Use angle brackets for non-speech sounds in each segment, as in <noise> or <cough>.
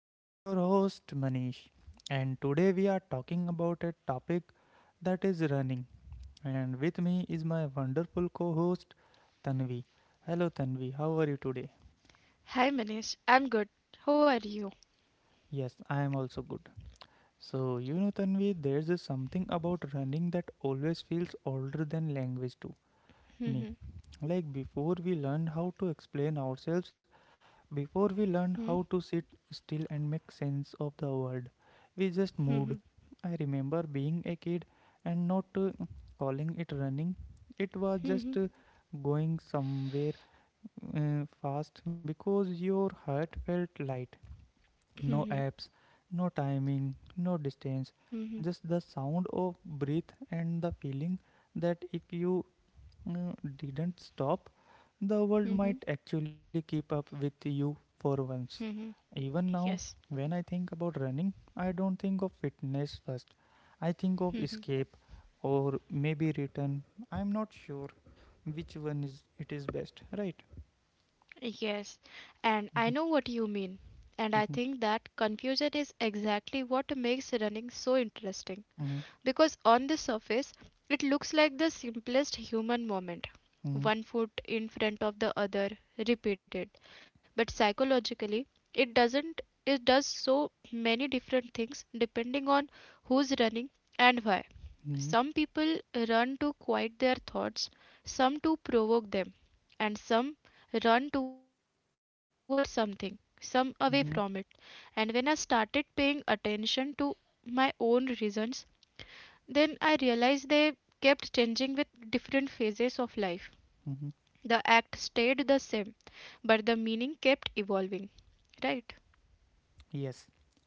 I am your host, Manish, and today we are talking about a topic that is running. And with me is my wonderful co host, Tanvi. Hello, Tanvi, how are you today? Hi Manish, I'm good. How are you? Yes, I am also good. So, Tanvi, there's a something about running that always feels older than language to me. Mhm, Like before we learned how to explain ourselves, before we mhm, learned how to sit still and make sense of the world, we just mhm, moved. I remember being a kid and not calling it running. It was mhm, just going somewhere fast because your heart felt light. No mhm, apps, no timing, no distance, mhm, just the sound of breath and the feeling that if you uh, didn't stop, the world mhm, might actually keep up with you for once. mhm. Even now, Yes, when I think about running, I don't think of fitness first. I think of escape or maybe return. I'm not sure which one is it is best, right? yes. Mhm, And I know what you mean. mhm, And I think that confusion is exactly what makes running so interesting. mhm, Because on the surface it looks like the simplest human moment, one foot in front of the other, repeated. But psychologically, it doesn't, it does so many different things depending on who's running and why. mhm, mhm, Some people run to quiet their thoughts, some to provoke them, and some run towards something, some away from it. mhm, And when I started paying attention to my own reasons, then I realized they kept changing with different phases of life. The mhm. act stayed the same, but the meaning kept evolving. Right? Yes,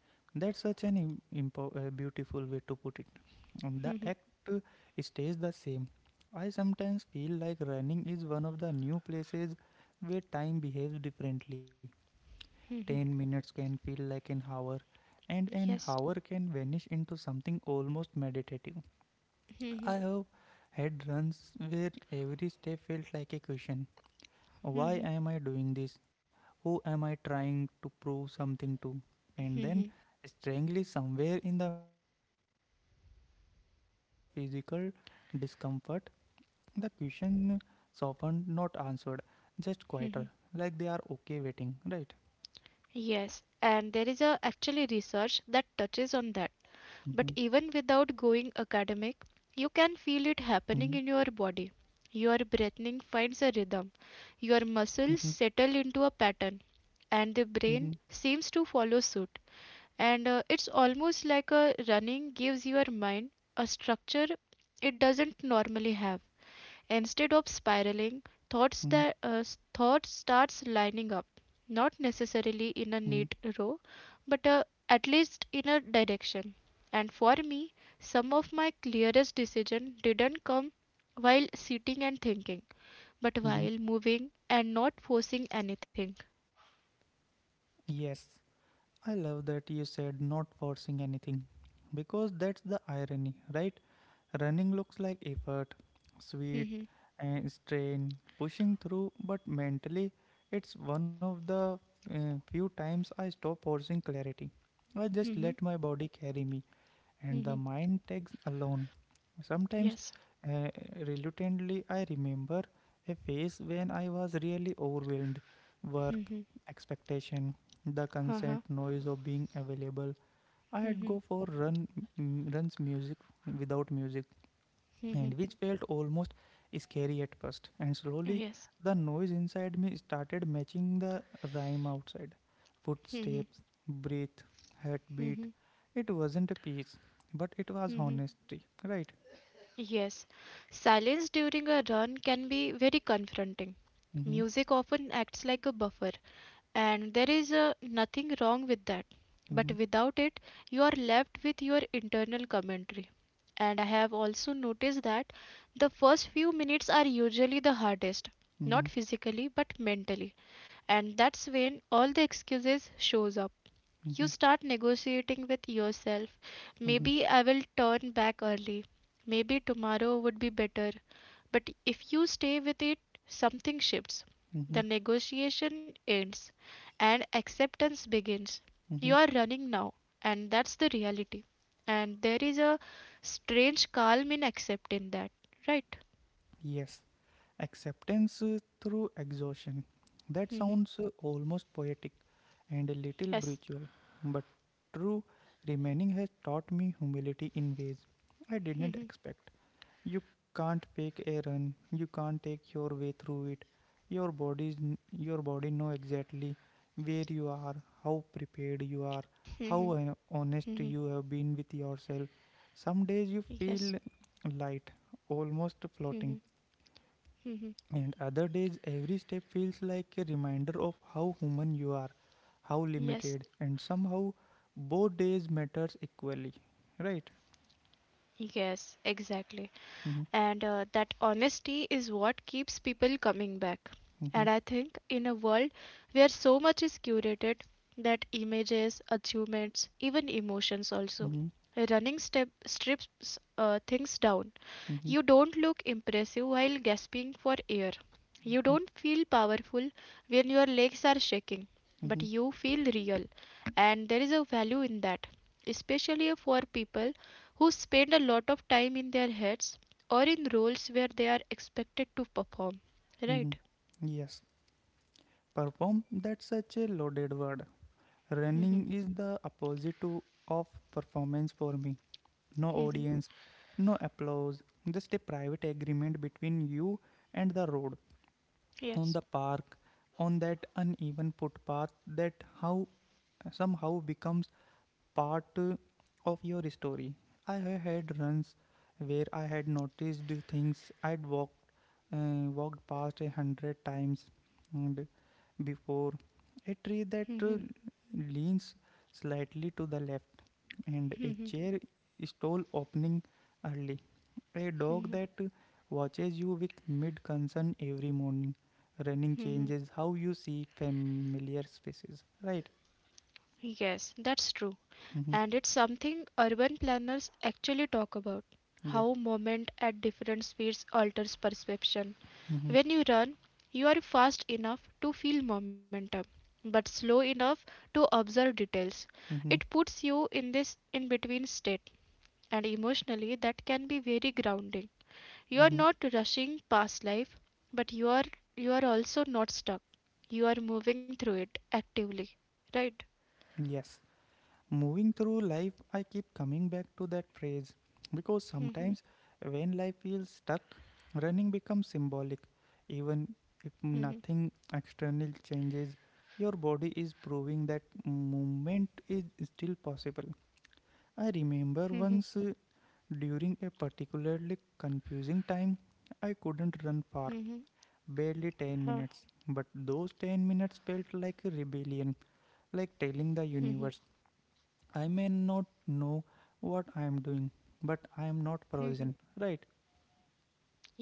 that's such an beautiful way to put it. The Mhm. act uh, stays the same. I sometimes feel like running is one of the new places where time behaves differently. 10 minutes can feel like an hour, and an Yes. hour can vanish into something almost meditative. I Mhm. have had runs where every step felt like a question. Why Mhm. am I doing this? Who am I trying to prove something to? And then, Mhm. strangely, somewhere in the middle of all that physical discomfort, the question is often not answered, just quieter, like they are Mhm. okay waiting, right? Yes. And there is a actually research that touches on that. But Mhm, even without going academic, you can feel it happening mhm, in your body. Your breathing finds a rhythm. Your muscles mhm, settle into a pattern, and the brain mhm, seems to follow suit. And it's almost like a running gives your mind a structure it doesn't normally have. Instead of spiraling mhm, thoughts that uh, thought starts lining up, not necessarily in a mhm, neat row, but at least in a direction. And for me, some of my clearest decision didn't come while sitting and thinking, but while mhm. moving and not forcing anything. Yes, I love that you said not forcing anything, because that's the irony, right? Running looks like effort, sweat, Mhm, and strain, pushing through, but mentally, it's one of the few times I stop forcing clarity. I just mhm, let my body carry me and the mhm. mind takes alone. Sometimes, Yes. uh, reluctantly, I remember a phase when I was really overwhelmed, work, Mhm, expectation, the uh-huh. constant noise of being available. I had Mhm. go for runs music without music and which felt almost scary at first. And slowly, Yes. the noise inside me started matching the rhyme outside, footsteps, breath, heartbeat. It wasn't a piece, but it was Mhm. honesty, right? Yes, silence during a run can be very confronting. Mm-hmm, Music often acts like a buffer, and there is nothing wrong with that. But mm-hmm, without it, you are left with your internal commentary. And I have also noticed that the first few minutes are usually the hardest, mm-hmm, not physically but mentally. And that's when all the excuses shows up. mm-hmm, You start negotiating with yourself. mm-hmm, Maybe I will turn back early. Maybe tomorrow would be better. But if you stay with it, something shifts. mm-hmm, The negotiation ends and acceptance begins. mm-hmm. You are running now, and that's the reality. And there is a strange calm in accepting that, right? Yes, acceptance through exhaustion. That Hmm. sounds almost poetic and a little Yes. spiritual, but true remaining has taught me humility in ways I didn't Hmm. expect. You can't fake a run, you can't take your way through it. Your body's your body know exactly where you are, how prepared you are, Hmm. how honest you have been with yourself. Some days you Yes. feel light, almost Hmm. floating, Hmm. and other days, every step feels like a reminder of how human you are, how Yes. limited, and somehow both days matters equally, right? Yes, exactly. Mhm, And that honesty is what keeps people coming back. mhm, And I think in a world where so much is curated, that images, achievements, even emotions also, mhm, running step strips things down. mhm, You don't look impressive while gasping for air. You mhm, don't feel powerful when your legs are shaking, but mhm, you feel real. And there is a value in that, especially for people who spend a lot of time in their heads or in roles where they are expected to perform. mhm. Right? Yes, perform, that's such a loaded word. Hmm. Running is the opposite to of performance for me. No audience, no applause, just a private agreement between you and the road, on the Yes. park, on that uneven footpath that how somehow becomes part of your story. I have had runs where I had noticed things I'd walked past a hundred times and before, a tree that leans slightly to the left, and a chair stall opening early. A dog that watches you with mid concern every morning. Running changes how you see familiar spaces. Right? Yes, that's true. Mm-hmm. And it's something urban planners actually talk about, Yeah. how movement at different speeds alters perception. Mm-hmm. When you run, you are fast enough to feel momentum, but slow enough to observe details. Mm-hmm. It puts you in this in between state, and emotionally, that can be very grounding. You are Mm-hmm. not rushing past life, but you are also not stuck. You are moving through it actively, right? Yes. Moving through life, I keep coming back to that phrase, because <laughs> sometimes when life feels stuck, running becomes symbolic. Even if Mhm, nothing external changes, your body is proving that movement is still possible. I remember once during a particularly confusing time, I couldn't run far, mhm, barely 10 minutes. But those 10 minutes felt like a rebellion, like telling the universe, I may not know what I am doing, but I am not mhm. frozen, right?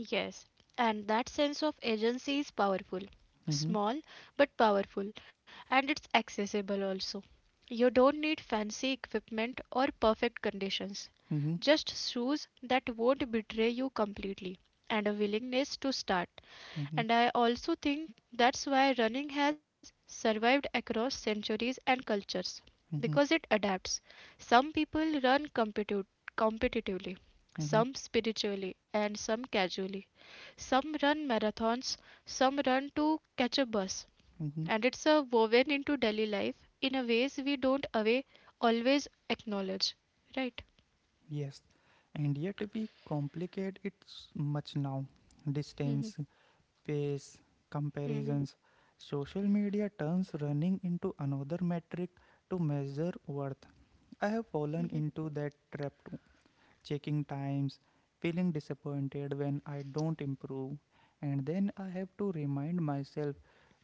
Yes, and that sense of agency is powerful. Mm-hmm, Small but powerful, and it's accessible also. You don't need fancy equipment or perfect conditions, mm-hmm, just shoes that won't betray you completely, and a willingness to start. mm-hmm, And I also think that's why running has survived across centuries and cultures mm-hmm, because it adapts. Some people run competitively, mm-hmm, some spiritually, and some casually. Some run marathons, some run to catch a bus. mm-hmm. And it's a woven into daily life in a ways we don't away always acknowledge. Right? Yes, and yet we complicate it s- much now. Distance, pace, comparisons. Social media turns running into another metric to measure worth. I have fallen into that trap too, checking times, feeling disappointed when I don't improve, and then I have to remind myself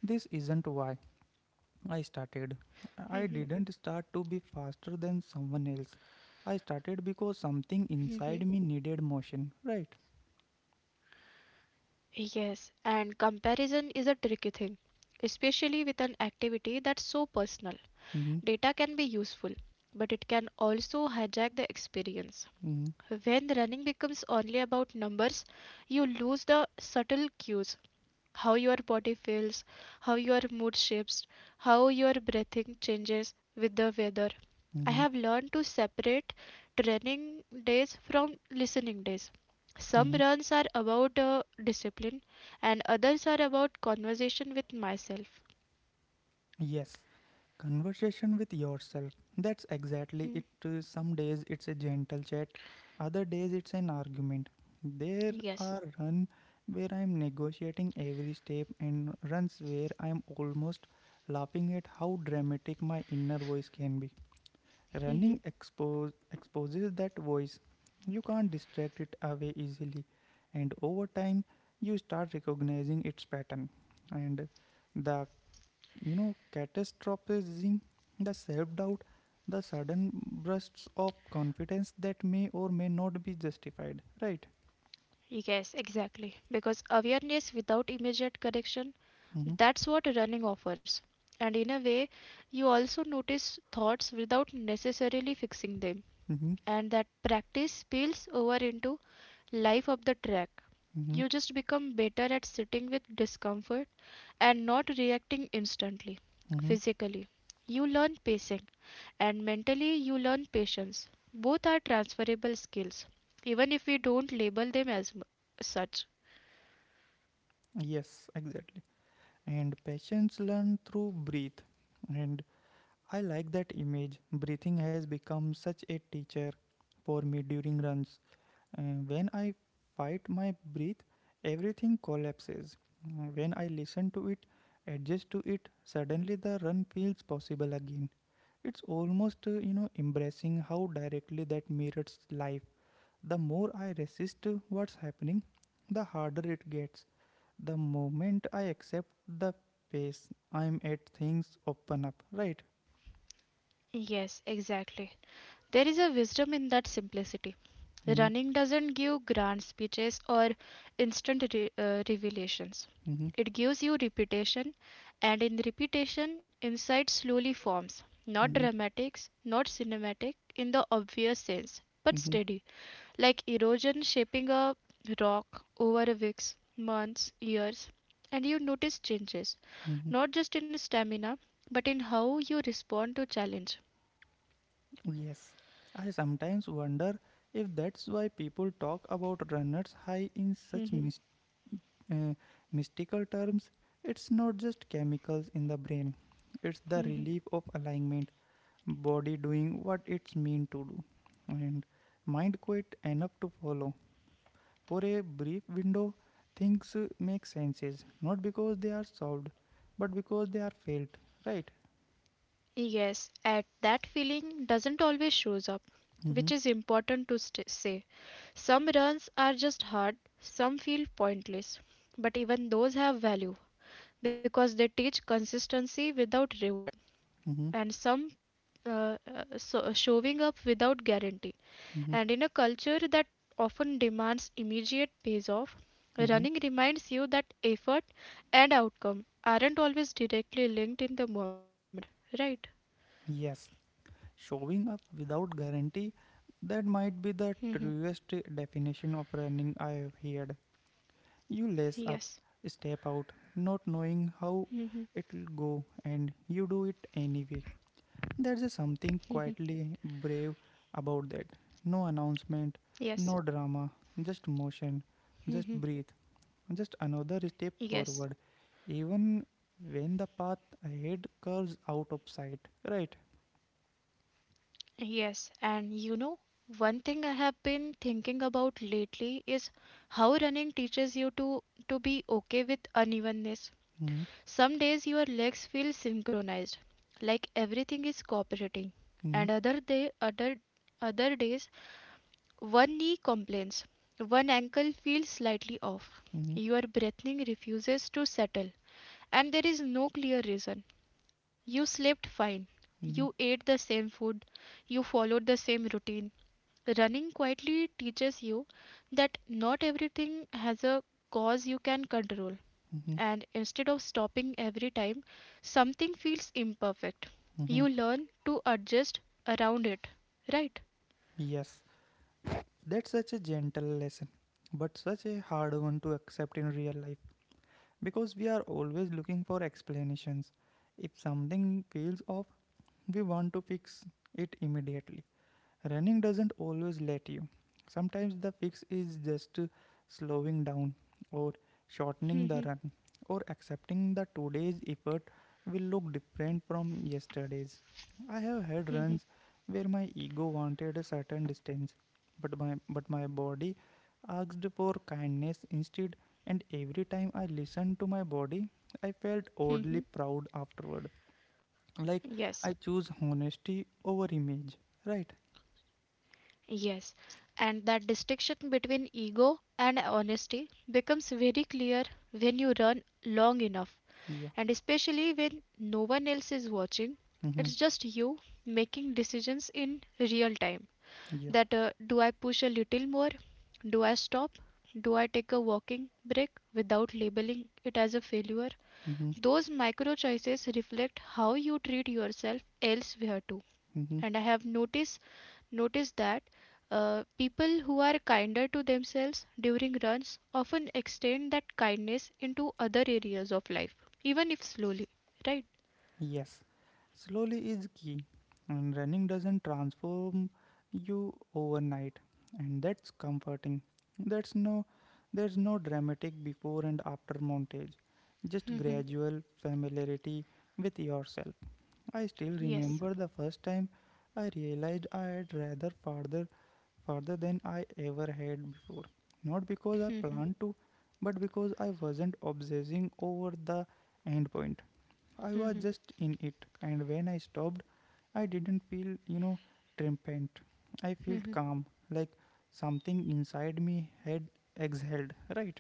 this isn't why I Hmm. started. I didn't start to be faster than someone else. I started Hmm. because something inside me needed motion, right? Yes, and comparison is a tricky thing, especially with an activity that's so personal. Data can be Mm-hmm, useful, but it can also hijack the experience. mm-hmm, When running becomes only about numbers, you lose the subtle cues, how your body feels, how your mood shifts, how your breathing changes with the weather. I mm-hmm, have learned to separate training days from listening days. Some Mm-hmm. runs are about discipline, and others are about conversation with myself. Yes, conversation with yourself. That's exactly Hmm. it. Some days it's a gentle chat, other days it's an argument. There are Yes. run where I'm negotiating every step, and runs where I'm almost laughing at how dramatic my inner voice can be. Running Mhm. expose exposes that voice. You can't distract it away easily, and over time you start recognizing its pattern. And the catastrophizing, the self doubt, the sudden bursts of confidence that may or may not be justified, right? Yes, exactly. Because awareness without immediate correction, Mm-hmm, that's what running offers. And in a way, you also notice thoughts without necessarily fixing them. mm-hmm, And that practice spills over into life of the track. mm-hmm, You just become better at sitting with discomfort and not reacting instantly. mm-hmm. Physically, you learn pacing, and mentally you learn patience. Both are transferable skills, even if we don't label them as such. Yes, exactly. And patients learn through breathe. And I like that image. Breathing has become such a teacher for me during runs. When I fight my breath, everything collapses. When I listen to it, adjust to it, suddenly the run feels possible again. It's almost, embracing how directly that mirrors life. The more I resist what's happening, the harder it gets. The moment I accept the pace I'm at, things open up, right? Yes, exactly. There is a wisdom in that simplicity. Mm-hmm, Running doesn't give grand speeches or instant revelations. mm-hmm, It gives you repetition, and in repetition, insight slowly forms. mm-hmm, Not mm-hmm, dramatics, not cinematic in the obvious sense, but Mm-hmm. steady, like erosion shaping a rock over a weeks, months, years. And you notice changes, not just in stamina, but in how you respond to challenge. Yes, I sometimes wonder if that's why people talk about runners high in such uh, mystical terms. It's not just chemicals in the brain, it's the <laughs> relief of alignment, body doing what it's meant to do, and mind quiet enough to follow. For a brief window, things make senses, not because they are solved, but because they are felt, right? Yes, and that feeling doesn't always shows up, Mm-hmm, which is important to say. Some runs are just hard, some feel pointless, but even those have value because they teach consistency without reward, mm-hmm, and some so showing up without guarantee. mm-hmm, And in a culture that often demands immediate payoff, mm-hmm. running reminds you that effort and outcome aren't always directly linked in the moment. Right? Yes, showing up without guarantee, that might be the truest definition of running I've heard. You lace up, Yes. step out, not knowing how it'll go, and you do it anyway. There's something quietly brave about that. No announcement, Yes. no drama, just motion, just breathe, just another step Yes, forward, even when the path ahead curves out of sight. Right? yes, and one thing I have been thinking about lately is how running teaches you to be okay with unevenness. Mm-hmm. Some days your legs feel synchronized, like everything is cooperating, Mm-hmm. and other days one knee complains, one ankle feels slightly off. Mm-hmm. Your breathing refuses to settle, and there is no clear reason. You slept fine. You Mm-hmm. ate the same food. You followed the same routine. Running quietly teaches you that not everything has a cause you can control. Mhm, And instead of stopping every time something feels imperfect, mhm. you learn to adjust around it. Right? <laughs> Yes, that's such a gentle lesson, but such a hard one to accept in real life, because we are always looking for explanations. If something feels off, we want to fix it immediately. Running doesn't always let you. Sometimes the fix is just slowing down, or shortening the Mhm. run, or accepting that today's effort will look different from yesterday's. I have had runs Mhm, where my ego wanted a certain distance, but my body asked for kindness instead, and every time I listened to my body, I felt oddly mhm. proud afterward. Like Yes. I choose honesty over image, right? Yes. And that distinction between ego and honesty becomes very clear when you run long enough. Yeah. And especially when no one else is watching, Mm-hmm. it's just you making decisions in real time. Yeah. That Do I push a little more, do I stop, do I take a walking break without labeling it as a failure? Mm-hmm. Those micro choices reflect how you treat yourself elsewhere too. Mm-hmm. And I have noticed that people who are kinder to themselves during runs often extend that kindness into other areas of life, even if slowly, right? Yes. Slowly is key. And running doesn't transform you overnight. And that's comforting. That's no There's no dramatic before and after montage. Just gradual familiarity with yourself. I still Yes. remember the first time I realized I had rather farther further than I ever had before. Not because I planned to, but because I wasn't obsessing over the end point. I was just in it, and when I stopped, I didn't feel triumphant. I felt Mhm. calm, like something inside me had exhaled, right?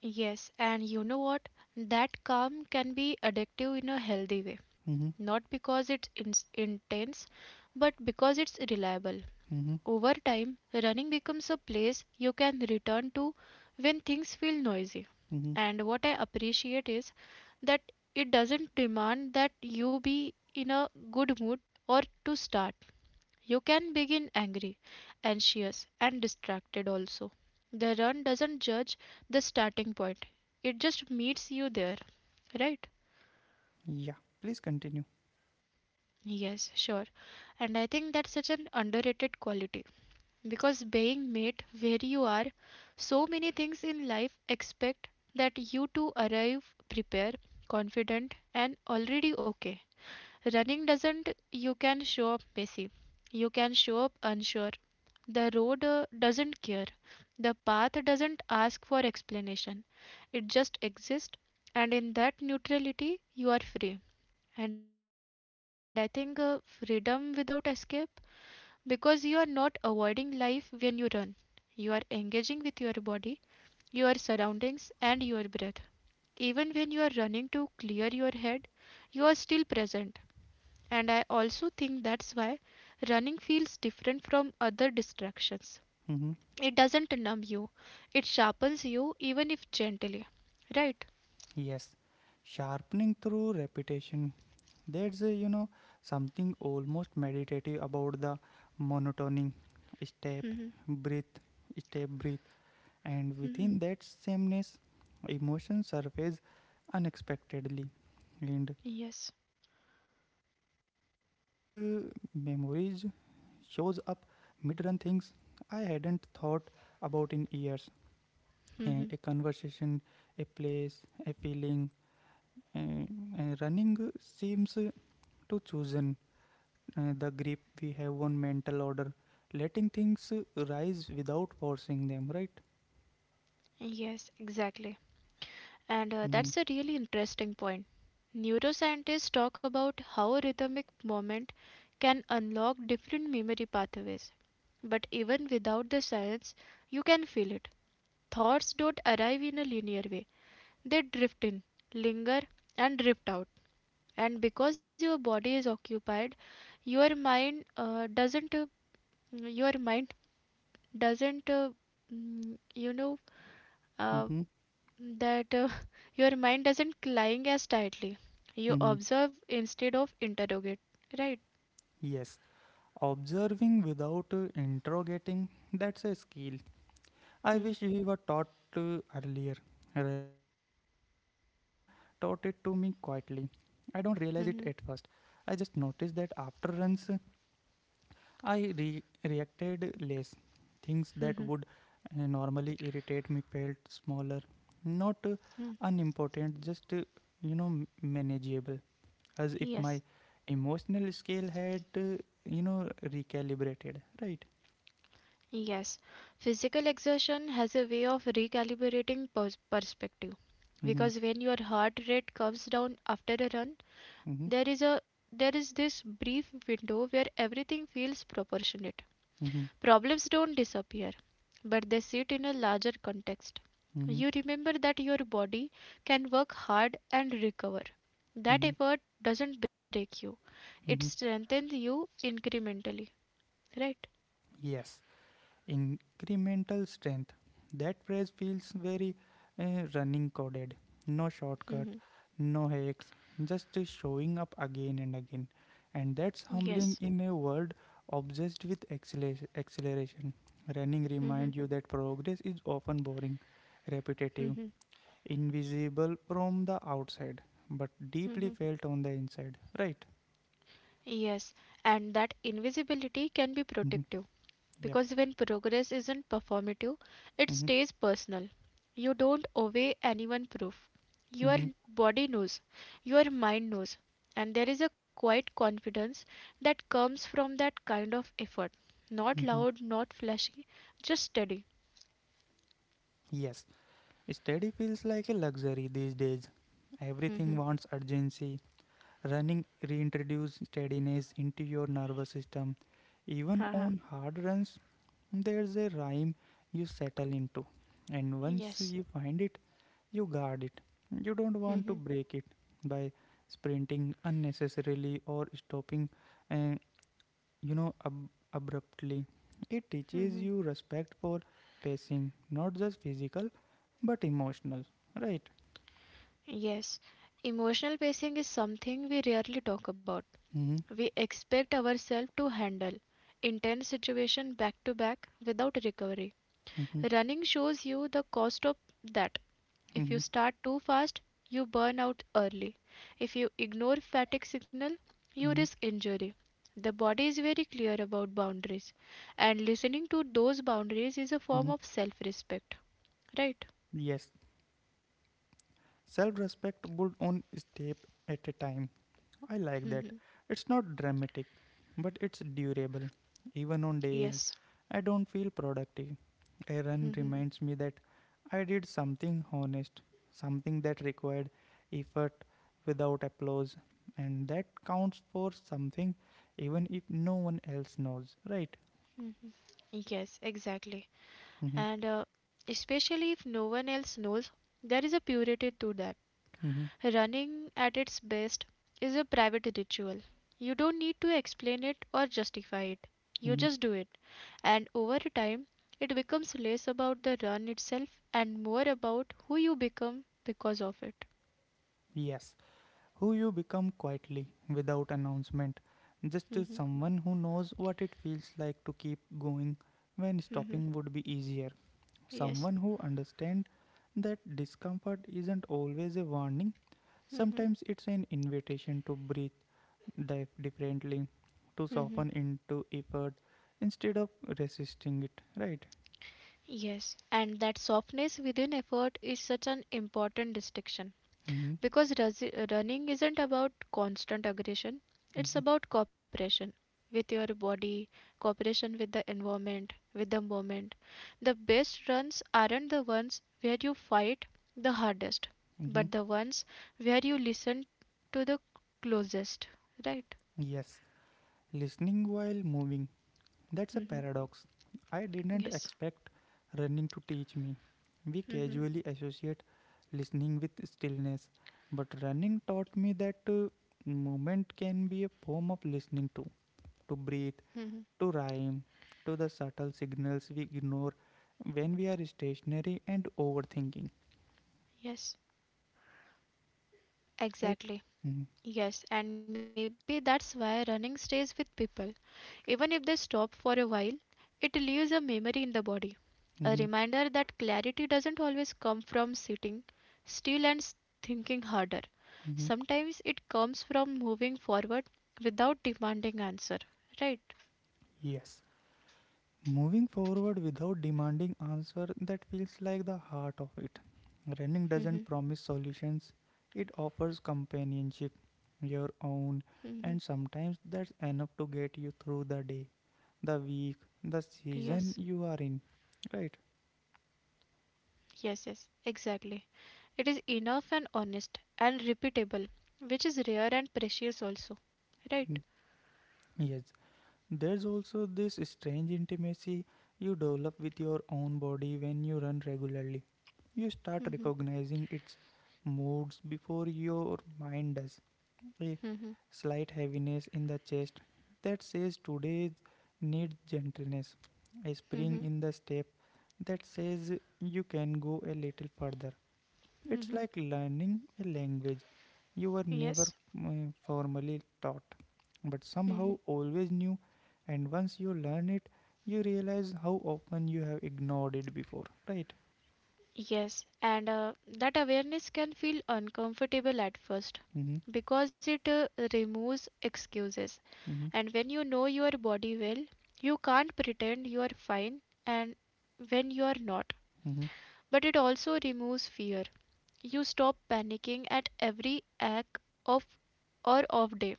Yes, and you know what? That calm can be addictive in a healthy way. Mm-hmm, Not because it's in intense, but because it's reliable. mm-hmm, Over time, running becomes a place you can return to when things feel noisy. mm-hmm. And what I appreciate is that it doesn't demand that you be in a good mood or to start. You can begin angry, anxious, and distracted also. The run doesn't judge the starting point, it just meets you there, right? Yeah, please continue. Yes, sure. And I think that's such an underrated quality, because being met where you are, so many things in life expect that you to arrive prepared, confident, and already okay. Running doesn't. You can show up messy, you can show up unsure. The road doesn't care, the path doesn't ask for explanation, it just exists. And in that neutrality you are free. And I think freedom without escape, because you are not avoiding life when you run. You are engaging with your body, your surroundings, and your breath. Even when you are running to clear your head, you are still present. And I also think that's why running feels different from other distractions. Mm-hmm. It doesn't numb you, it sharpens you, even if gently. Right? Yes, sharpening through repetition. There's something almost meditative about the monotony, step, Hmm. breathe, step, breathe, and Hmm. within that sameness, emotions surface unexpectedly. And Yes. I have the memories shows up mid-run things I hadn't thought about in years. A Hmm. conversation, a place, a feeling, a, a running seems to chosen the grip we have on mental order, letting things rise without forcing them, right? Yes, exactly. And Mm-hmm. that's a really interesting point. Neuroscientists talk about how a rhythmic moment can unlock different memory pathways. But even without the science, you can feel it. Thoughts don't arrive in a linear way, they drift in, linger, and drift out. And because your body is occupied, your mind doesn't your mind doesn't mm, you know uh, Mm-hmm. that <laughs> your mind doesn't cling as tightly. You Mm-hmm. observe instead of interrogate, right? Yes, observing without interrogating, that's a skill. I Hmm, wish we were taught earlier. Running taught it to me quietly. I don't realize it at first. hmm, I just notice that after runs, I reacted less. Things that would normally irritate me felt smaller, not hmm. unimportant, just m- manageable, as if Yes, my emotional scale had recalibrated. Right. yes. Physical exertion has a way of recalibrating perspective, Mm-hmm. because when your heart rate comes down after a run, Mm-hmm. there is a there is this brief window where everything feels proportionate. Mm-hmm. Problems don't disappear, but they sit in a larger context. Mm-hmm. You remember that your body can work hard and recover. That Mm-hmm. effort doesn't break you, it Mm-hmm. strengthens you incrementally, right? Yes. Incremental strength. That phrase feels very running coded. No shortcut, no hacks, just showing up again and again. And that's Yes. humbling in a world obsessed with acceleration. Running reminds you that progress is often boring, repetitive, invisible from the outside, but deeply Mhm. felt on the inside. Right? Yes, and that invisibility can be Hmm. protective. Yeah. Because when progress isn't performative, it Hmm. stays personal. You don't owe anyone proof. Your Hmm. body knows, your mind knows, and there is a quiet confidence that comes from that kind of effort. Not Hmm. loud, not flashy, just steady. Yes. Study feels like a luxury these days. Everything Mhm. wants urgency. Running reintroduces steadiness into your nervous system. Even on hard runs, there's a rhyme you settle into. And once Yes. you find it, you guard it. You don't want to Mhm. break it by sprinting unnecessarily or stopping uh, abruptly. It teaches you respect for pacing, not just physical, but emotional, right? Yes, emotional pacing is something we rarely talk about. Mm-hmm, We expect ourselves to handle intense situation back to back without recovery. mm-hmm, Running shows you the cost of that. If you mm-hmm, start too fast, you burn out early. If you ignore fatigue signal, you mm-hmm, risk injury. The body is very clear about boundaries, and listening to those boundaries is a form mm-hmm. of self-respect, right? Yes, self respect built on step at a time. I like that. It's not dramatic, but it's durable. Even on days Yes. I don't feel productive, a run Hmm. reminds me that I did something honest, something that required effort without applause, and that counts for something even if no one else knows, right? Mhm. Yes, exactly. Mm-hmm, And especially if no one else knows, there is a purity to that. mm-hmm, Running at its best is a private ritual. You don't need to explain it or justify it. You mm-hmm. just do it. And over time, it becomes less about the run itself and more about who you become because of it. Yes, who you become quietly, without announcement, just as Mhm. someone who knows what it feels like to keep going when Mhm. stopping would be easier, someone Yes. who understands that discomfort isn't always a warning. Mhm. Sometimes it's an invitation to breathe differently, to Mhm. soften into effort instead of resisting it, right? Yes. And that softness within effort is such an important distinction. Mm-hmm, Because running isn't about constant aggression, it's mm-hmm, about cooperation with your body, cooperation with the environment, with the moment. The best runs aren't the ones where you fight the hardest, mm-hmm. but the ones where you listen to the closest, right? Yes, listening while moving. That's a Hmm. paradox. I didn't Yes. expect running to teach me. We Hmm. casually associate listening with stillness, but running taught me that movement can be a form of listening to breathe, Hmm. to rhyme, to the subtle signals we ignore when we are stationary and overthinking. Yes, Right? Mm-hmm. exactly. Yes, and maybe that's why running stays with people. Even if they stop for a while, it leaves a memory in the body. A Mm-hmm. reminder that clarity doesn't always come from sitting still and thinking harder. Mm-hmm. Sometimes it comes from moving forward without demanding answer. Right? Yes. Moving forward without demanding answer, that feels like the heart of it. Running Hmm. doesn't promise solutions, it offers companionship, your Hmm. own, and sometimes that's enough to get you through the day, the week, Yes. the season you are in. Right? Yes, yes. Exactly. It is enough and honest and repeatable, which is rare and precious also. Right? Yes. There's also this strange intimacy you develop with your own body when you run regularly. You start recognizing its moods before your mind does, a slight heaviness in the chest that says today needs gentleness, a Mm-hmm. spring in the step that says you can go a little further. It's like learning a language you were never Yes. Formally taught, but Hmm. somehow always knew, and once you learn it, you realize how often you have ignored it before, right? Yes. And that awareness can feel uncomfortable at first Mm-hmm, because it removes excuses. mm-hmm, And when you know your body well, you can't pretend you are fine and when you are not. mm-hmm, But it also removes fear. You stop panicking at every act of or off day.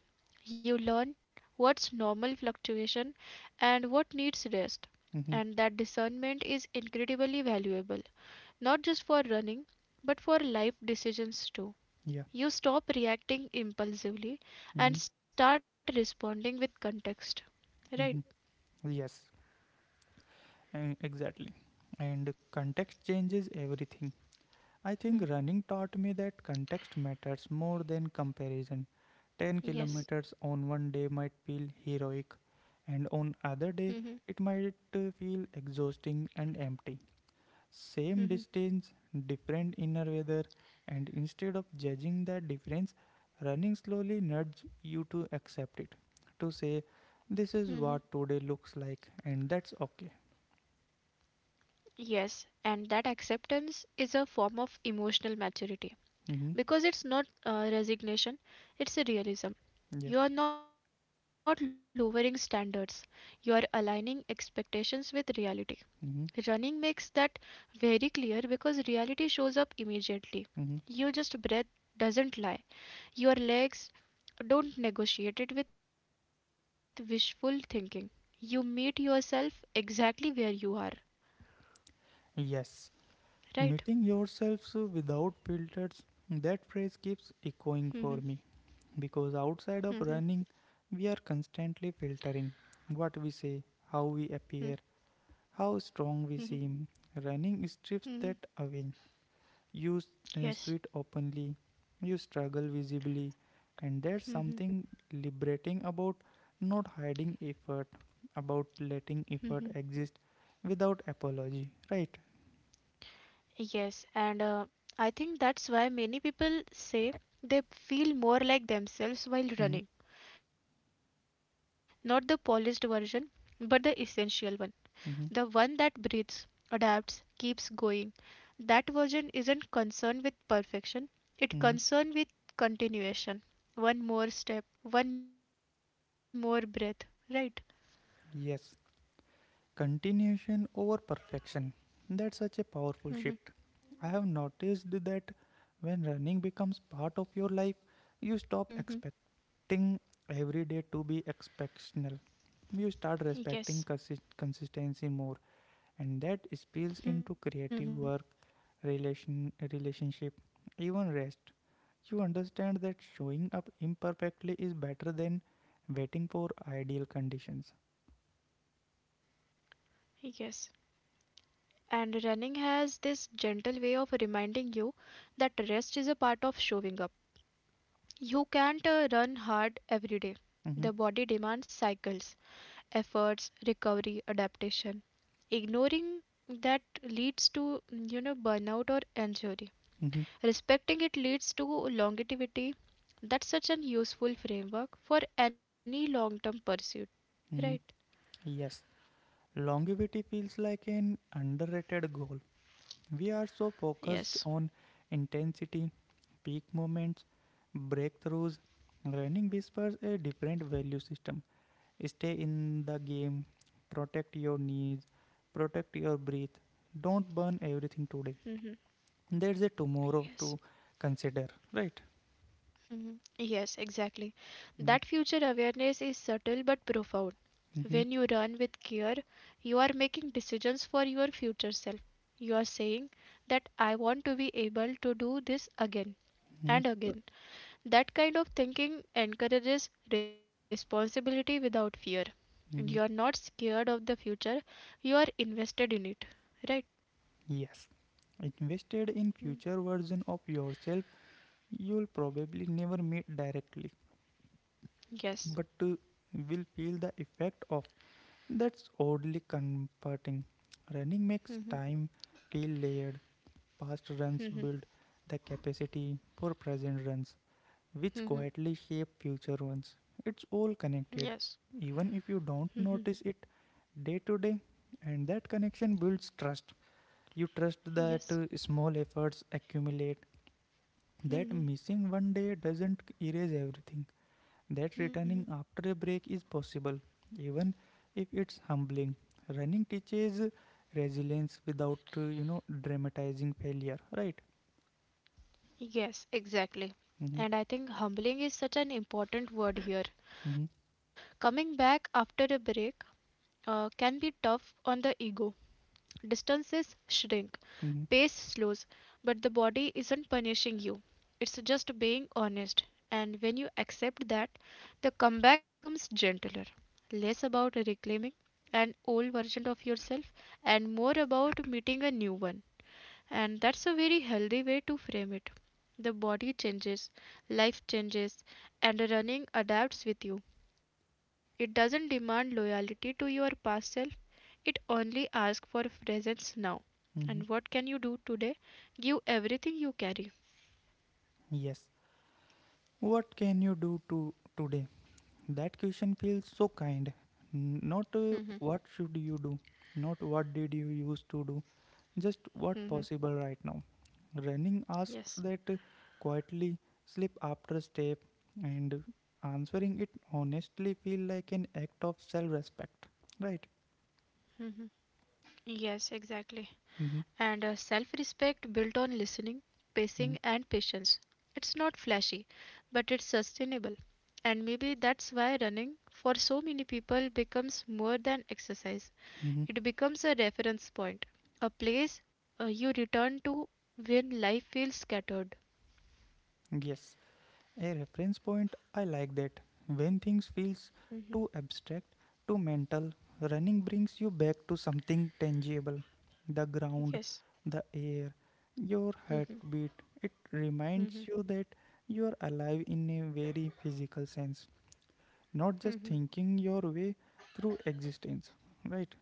You learn what's normal fluctuation and what needs rest. mm-hmm, And that discernment is incredibly valuable not just for running, but for life decisions too. yeah, You stop reacting impulsively mm-hmm, and start responding with context. Right? mm-hmm. Yes, exactly. And context changes everything. I think running taught me that context matters more than comparison. 10 Yes. kilometers on one day might feel heroic, and on Mm-hmm. other day it might feel exhausting and empty. Mm-hmm. Same distance, different inner weather, and instead of judging that difference, running slowly nudges you to accept it. To say, Mm-hmm. this is what today looks like, and that's okay. Yes, and that acceptance is a form of emotional maturity because Hmm. it's not resignation, it's a realism. You Yeah. are not lowering standards, you are aligning expectations with reality. Running makes that Mhm, very clear because reality shows up immediately. Your just mhm. breath doesn't lie. Your legs don't negotiate it with wishful thinking. You meet yourself exactly where you are, right? Yes, meeting yourselves without filters. That phrase Mhm, keeps echoing for me because mhm, outside of running, we are constantly filtering what we mhm, say, how we appear, how mhm, strong we seem. Running mhm. strips that away. You Yes, sweat openly, you struggle visibly, and there's something liberating about not hiding effort, about letting effort exist without apology, right? yes, and I think that's why many people say they feel more like themselves while Mhm, running. Not the polished version, but the essential one. The one that mhm, breathes, adapts, keeps going. That version isn't concerned with perfection, it's mhm. concerned with continuation. One more step, one more breath, right? Yes, continuation over perfection. That's such a Mm-hmm. powerful shift. I have noticed that when running becomes part of your life, you stop Mm-hmm. expecting every day to be exceptional. You start Yes. respecting consistency more, and that Mm-hmm. spills into creative work, relationship, even rest. You understand that showing up imperfectly is better than waiting for ideal conditions. Yes. And running has this gentle way of reminding you that rest is a part of showing up. You can't run hard every day. The body Mm-hmm, demands cycles. Efforts, recovery, adaptation. Ignoring that leads to burnout or injury. mm-hmm, Respecting it leads to longevity. That's such an useful framework for any long-term pursuit, right? mm-hmm. Yes, longevity feels like an underrated goal. We are so Yes. focused on intensity, peak moments, breakthroughs. Running whispers a different value system. Stay in the game, protect your knees, protect your breath. Don't burn everything Hmm. today. There's a Yes. tomorrow to consider, right? Mhm. Yes, exactly. Mm-hmm, That future awareness is subtle but profound. mm-hmm, When you run with care, you are making decisions for your future self. You are saying that I want to be able to do this again and again. That kind of thinking encourages responsibility without fear. And mm-hmm. you are not scared of the future, you are invested in it. Right? Yes. Invested in Mm. future version of yourself you'll probably never meet directly, but Yes. Will feel the effect of. That's oddly comforting. Running makes time feel layered. Past runs build Mhm. the capacity for present runs, which quietly Mhm. shape future ones. It's all connected, even if you don't notice it day to day, and that connection builds trust. You trust that Yes. small efforts accumulate, that Mhm. missing one day doesn't erase everything, that returning Mhm. after a break is possible, even if it's humbling. Running teaches resilience without, dramatizing failure, right? Yes, exactly. Mm-hmm, And I think humbling is such an important word here. mm-hmm, Coming back after a break can be tough on the ego. Distances shrink, mm-hmm, pace slows, but the body isn't punishing you. It's just being honest. And when you accept that, the comeback becomes gentler, less about reclaiming an old version of yourself and more about meeting a new one. And that's a very healthy way to frame it. The body changes, life changes, and running adapts with you. It doesn't demand loyalty to your past self, it only asks for presence now. mm-hmm. And what can you do today? Give everything you carry. Yes. What can you do to today? That question feels so kind. Not what should you do, not what did you used to do, just what possible Mhm. right now. Running asks that Yes. quietly, slip after step, and answering it honestly feel like an act of self-respect. Right? Mhm. Yes, exactly. Mm-hmm. And a self respect built on listening, Mm-hmm. pacing, and patience. It's not flashy, but it's sustainable. And maybe that's why running for so many people becomes more than exercise. Mm-hmm. It becomes a reference point, a place you return to when life feels scattered. Yes. A reference point, I like that. When things feels Mhm. too abstract, too mental, running brings you back to something tangible. The ground, the air, your heartbeat. It reminds you that you are alive in a very physical sense, not just thinking your way through existence. Right?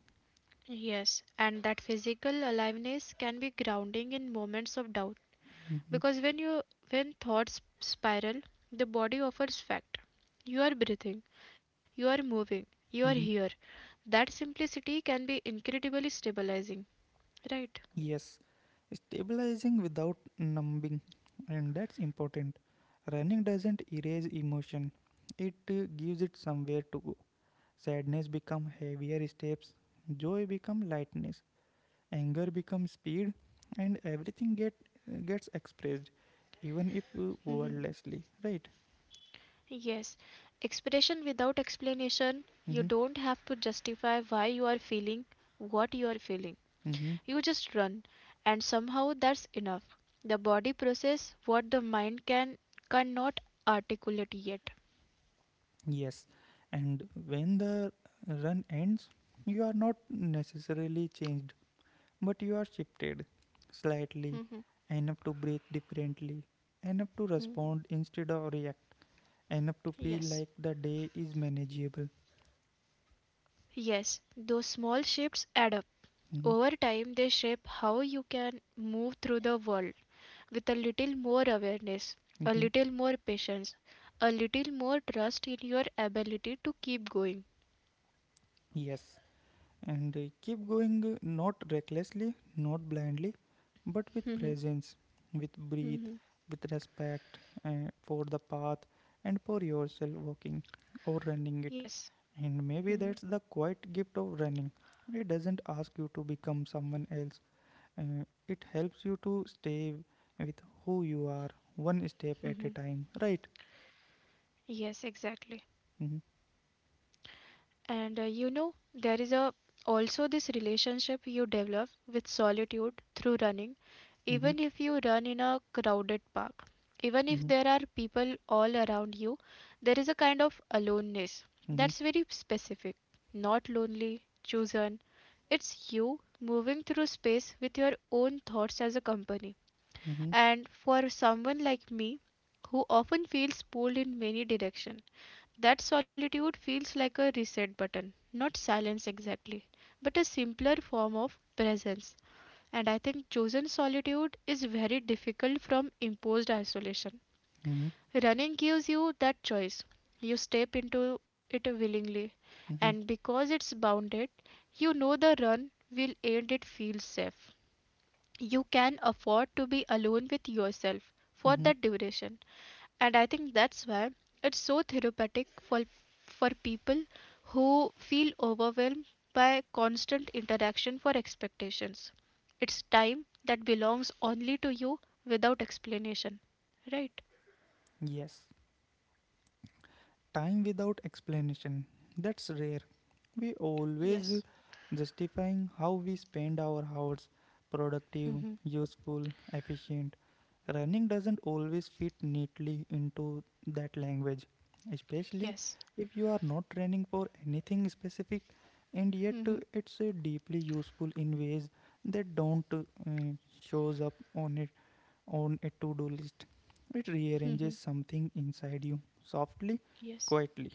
Yes, and that physical aliveness can be grounding in moments of doubt, because when thoughts spiral, the body offers fact: you are breathing, you are moving, you are here. Mm-hmm. That simplicity can be incredibly stabilizing, right? Yes, stabilizing without numbing, and that's important. Running doesn't erase emotion; it gives it somewhere to go. Sadness become heavier steps, joy become lightness, anger become speed, and everything gets expressed, even if Mhm. wordlessly. Right? Yes, expression without explanation, you Mm-hmm. don't have to justify why you are feeling what you are feeling. Mm-hmm. You just run, and somehow that's enough. The body process what the mind cannot articulate yet. Yes, and when the run ends, you are not necessarily changed. But you are shifted slightly, enough to breathe differently, enough to Hmm. respond instead of react, enough to feel like Yes. the day is manageable. Yes, those small shifts add up. Mhm, Over time, they shape how you can move through the world with a little more awareness, a mhm. little more patience, a little more trust in your ability to keep going. Yes, and keep going not recklessly, not blindly, but with presence, with breath, with respect for the path and for yourself walking or running it. And maybe that's the quiet gift of running. It doesn't ask you to become someone else. It helps you to stay with who you are one step at a time, right? Mm-hmm, And there is a also this relationship you develop with solitude through running, mm-hmm, even if you run in a crowded park. Even if mm-hmm, there are people all around you, there is a kind of aloneness that's very specific, not lonely, chosen. It's you moving through space with your own thoughts as a company. mm-hmm, And for someone like me, who often feels pulled in many directions, that solitude feels like a reset button, not silence exactly, but a simpler form of presence. And I think chosen solitude is very difficult from imposed isolation. mm-hmm, Running gives you that choice. You step into it willingly, mm-hmm, and because it's bounded, you know the run will end, it feels safe. You can afford to be alone with yourself for mm-hmm. that duration. And I think that's why it's so therapeutic for, people who feel overwhelmed by constant interaction for expectations. It's time that belongs only to you without explanation, right? Yes, time without explanation. That's rare. We Yes. always justifying how we spend our hours productive, Hmm. useful, efficient. Running doesn't always fit neatly into that language, especially Yes. if you are not training for anything specific, and yet Hmm. it's deeply useful in ways that don't shows up on a to-do list. It rearranges Hmm. something inside you softly, Yes. quietly.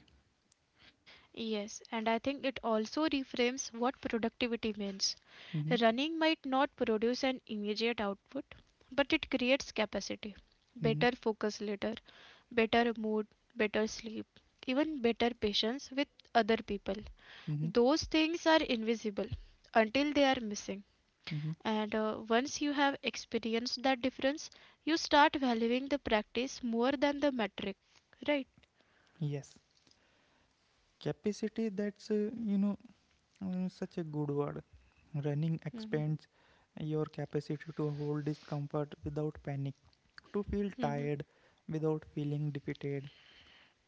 Yes, and I think it also reframes what productivity means. Mhm, Running might not produce an immediate output, but it creates capacity, mhm, better focus later, better mood, better sleep, even better patience with other people. mhm, Those things are invisible until they are missing. mhm. And once you have experienced that difference, you start valuing the practice more than the metric, right? Yes, capacity. That's such a good word. Running expands your capacity to hold discomfort without panic, to feel tired without feeling defeated,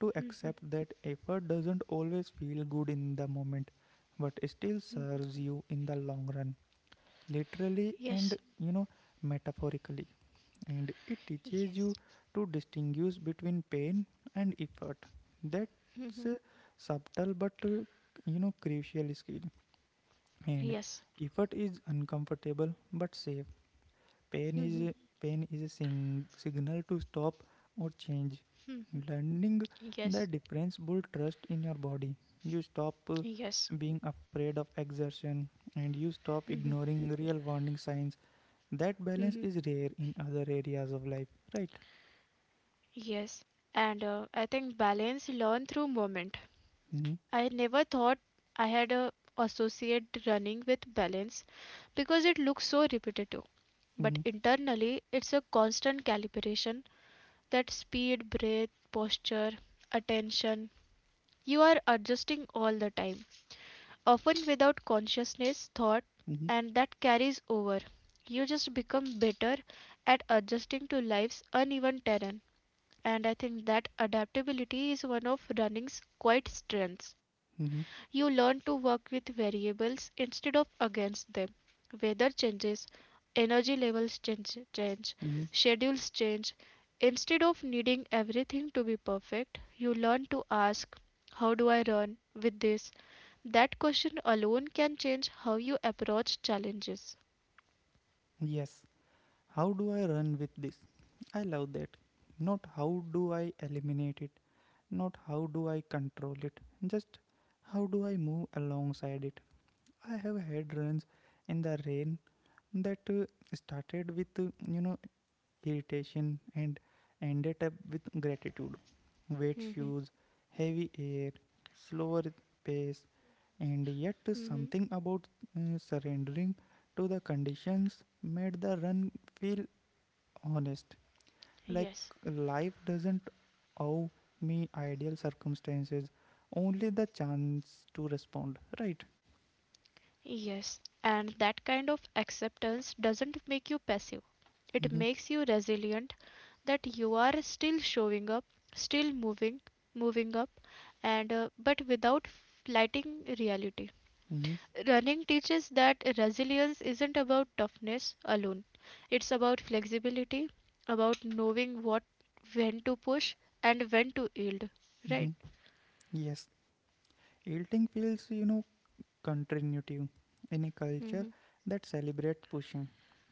to accept that effort doesn't always feel good in the moment, but still serves you in the long run, literally Yes, and metaphorically, and it teaches yes, you to distinguish between pain and effort. That's a subtle but crucial skill. And yes. effort is uncomfortable but safe. Pain <laughs> is a, pain is a signal to stop or change. Mhm. Learning Yes, the difference build trust in your body. You stop yes, being afraid of exertion, and you stop ignoring real warning signs. That balance mhm. is rare in other areas of life, right? Yes. And I think balance learn through movement. Mhm, I never thought I had a associate running with balance because it looks so repetitive. mhm, But internally, it's a constant calibration that speed, breath, posture, attention. You are adjusting all the time, often without consciousness thought, mhm, and that carries over. You just become better at adjusting to life's uneven terrain. And I think that adaptability is one of running's quite strengths. mhm, You learn to work with variables instead of against them. Weather changes, energy levels change, mhm. schedules change. Instead of needing everything to be perfect, you learn to ask, how do I run with this? That question alone can change how you approach challenges. Yes. How do I run with this? I love that. Not how do I eliminate it, not how do I control it, just how do I move alongside it. I have had runs in the rain that started with irritation and ended up with gratitude. Wet Mhm. shoes, heavy air, slower pace, and yet Mhm. something about surrendering to the conditions made the run feel honest, like life doesn't owe me ideal circumstances, only the chance to respond, right? And that kind of acceptance doesn't make you passive. It Mm-hmm, makes you resilient that you are still showing up, still moving, moving up, and but without fighting reality. mm-hmm, Running teaches that resilience isn't about toughness alone. It's about flexibility, about knowing what when to push and when to yield, right? mm-hmm. Yes, yielding feels continuity in a culture that celebrates pushing.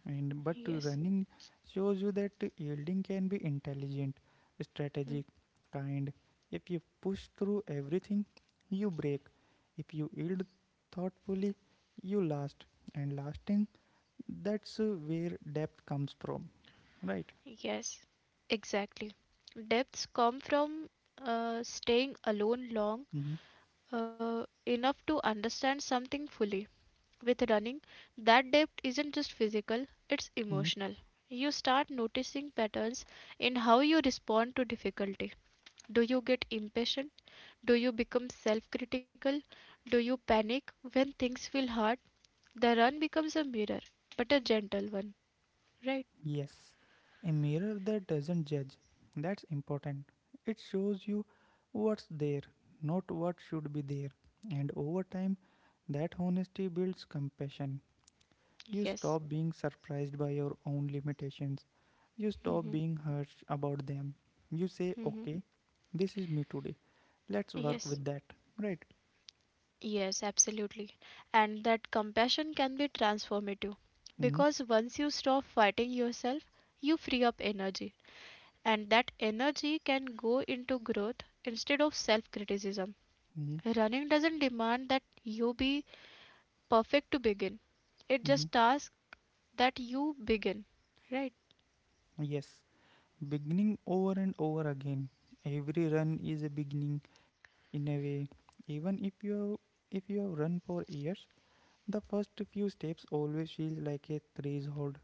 And but running shows you that yielding can be intelligent, strategic, kind. If you push through everything, you break. If you yield thoughtfully, you last. And lasting, that's where depth comes from, right? Exactly. Depths come from staying alone long Mm-hmm. Enough to understand something fully. With running, that depth isn't just physical, it's emotional. You start noticing patterns in how you respond to difficulty. Do you get impatient? Do you become self critical? Do you panic when things feel hard? The run becomes a mirror, but a gentle one, right? Yes, a mirror that doesn't judge. That's important. It shows you what's there, not what should be there. And over time, that honesty builds compassion. You Yes. stop being surprised by your own limitations. You stop being harsh about them. You say, Hmm. okay, this is me today. Let's work with that. Right? Yes, absolutely. And that compassion can be transformative Mm-hmm. because once you stop fighting yourself, you free up energy. And that energy can go into growth instead of self criticism. Mm-hmm. Running doesn't demand that you be perfect to begin, it Mm-hmm. just asks that you begin, right? Yes, beginning over and over again. Every run is a beginning in a way. Even if if you have run for years, the first few steps always feels like a threshold.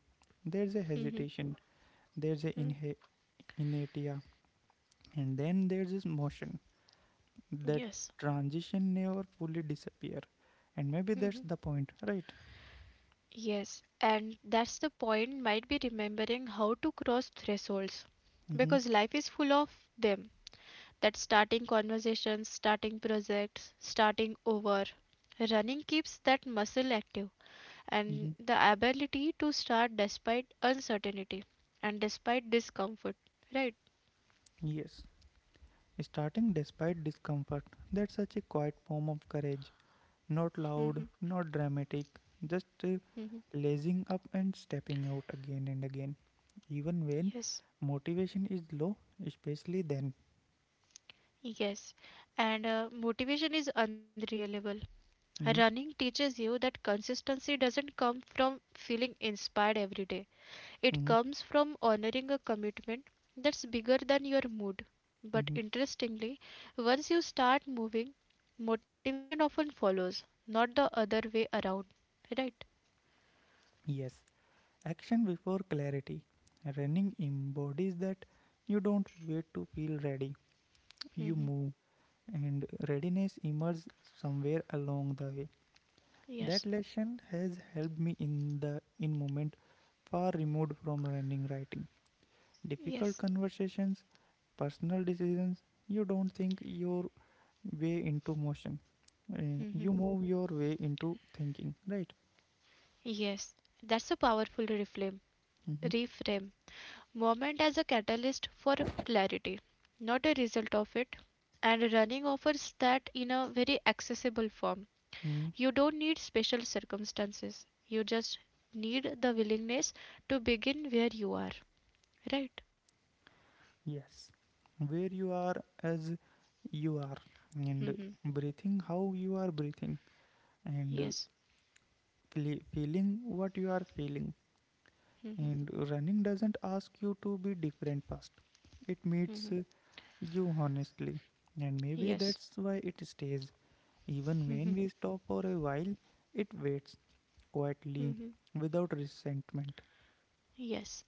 There's a Mhm. hesitation, there's a inertia, and then there's this motion. That transition never fully disappear, and maybe that's the point, right? Yes, and that's the point, might be remembering how to cross thresholds Mm-hmm. because life is full of them, that starting conversations, starting projects, starting over. Running keeps that muscle active and Mm-hmm. the ability to start despite uncertainty and despite discomfort. Right? Yes, starting despite discomfort. That's such a quiet form of courage. Not Hmm. loud, not dramatic, just Hmm. lazing up and stepping out again and again, even when Yes. motivation is low, especially then. Yes. And motivation is unreliable. Mhm, Running teaches you that consistency doesn't come from feeling inspired every day. It mhm, comes from honoring a commitment that's bigger than your mood. mhm. But interestingly, once you start moving, motivation often follows, not the other way around. Right? Yes, action before clarity. Running embodies that you don't wait to feel ready, you Hmm. move, and readiness emerges somewhere along the way. That lesson has helped me in the in moment, far removed from running, writing, difficult conversations, personal decisions. You don't think your way into motion. Uh, Hmm. you move your way into thinking, right? That's a powerful reframe. Mm-hmm. Reframe. Moment as a catalyst for clarity, not a result of it. And running offers that in a very accessible form. Mm. You don't need special circumstances. You just need the willingness to begin where you are. Right. Yes. Where you are, as you are, and Hmm. breathing how you are breathing, and Yes. feeling what you are feeling. Hmm. And running doesn't ask you to be different first, it meets you honestly. And maybe Yes. that's why it stays. Even when we stop for a while, it waits quietly, Hmm. without resentment. Yes.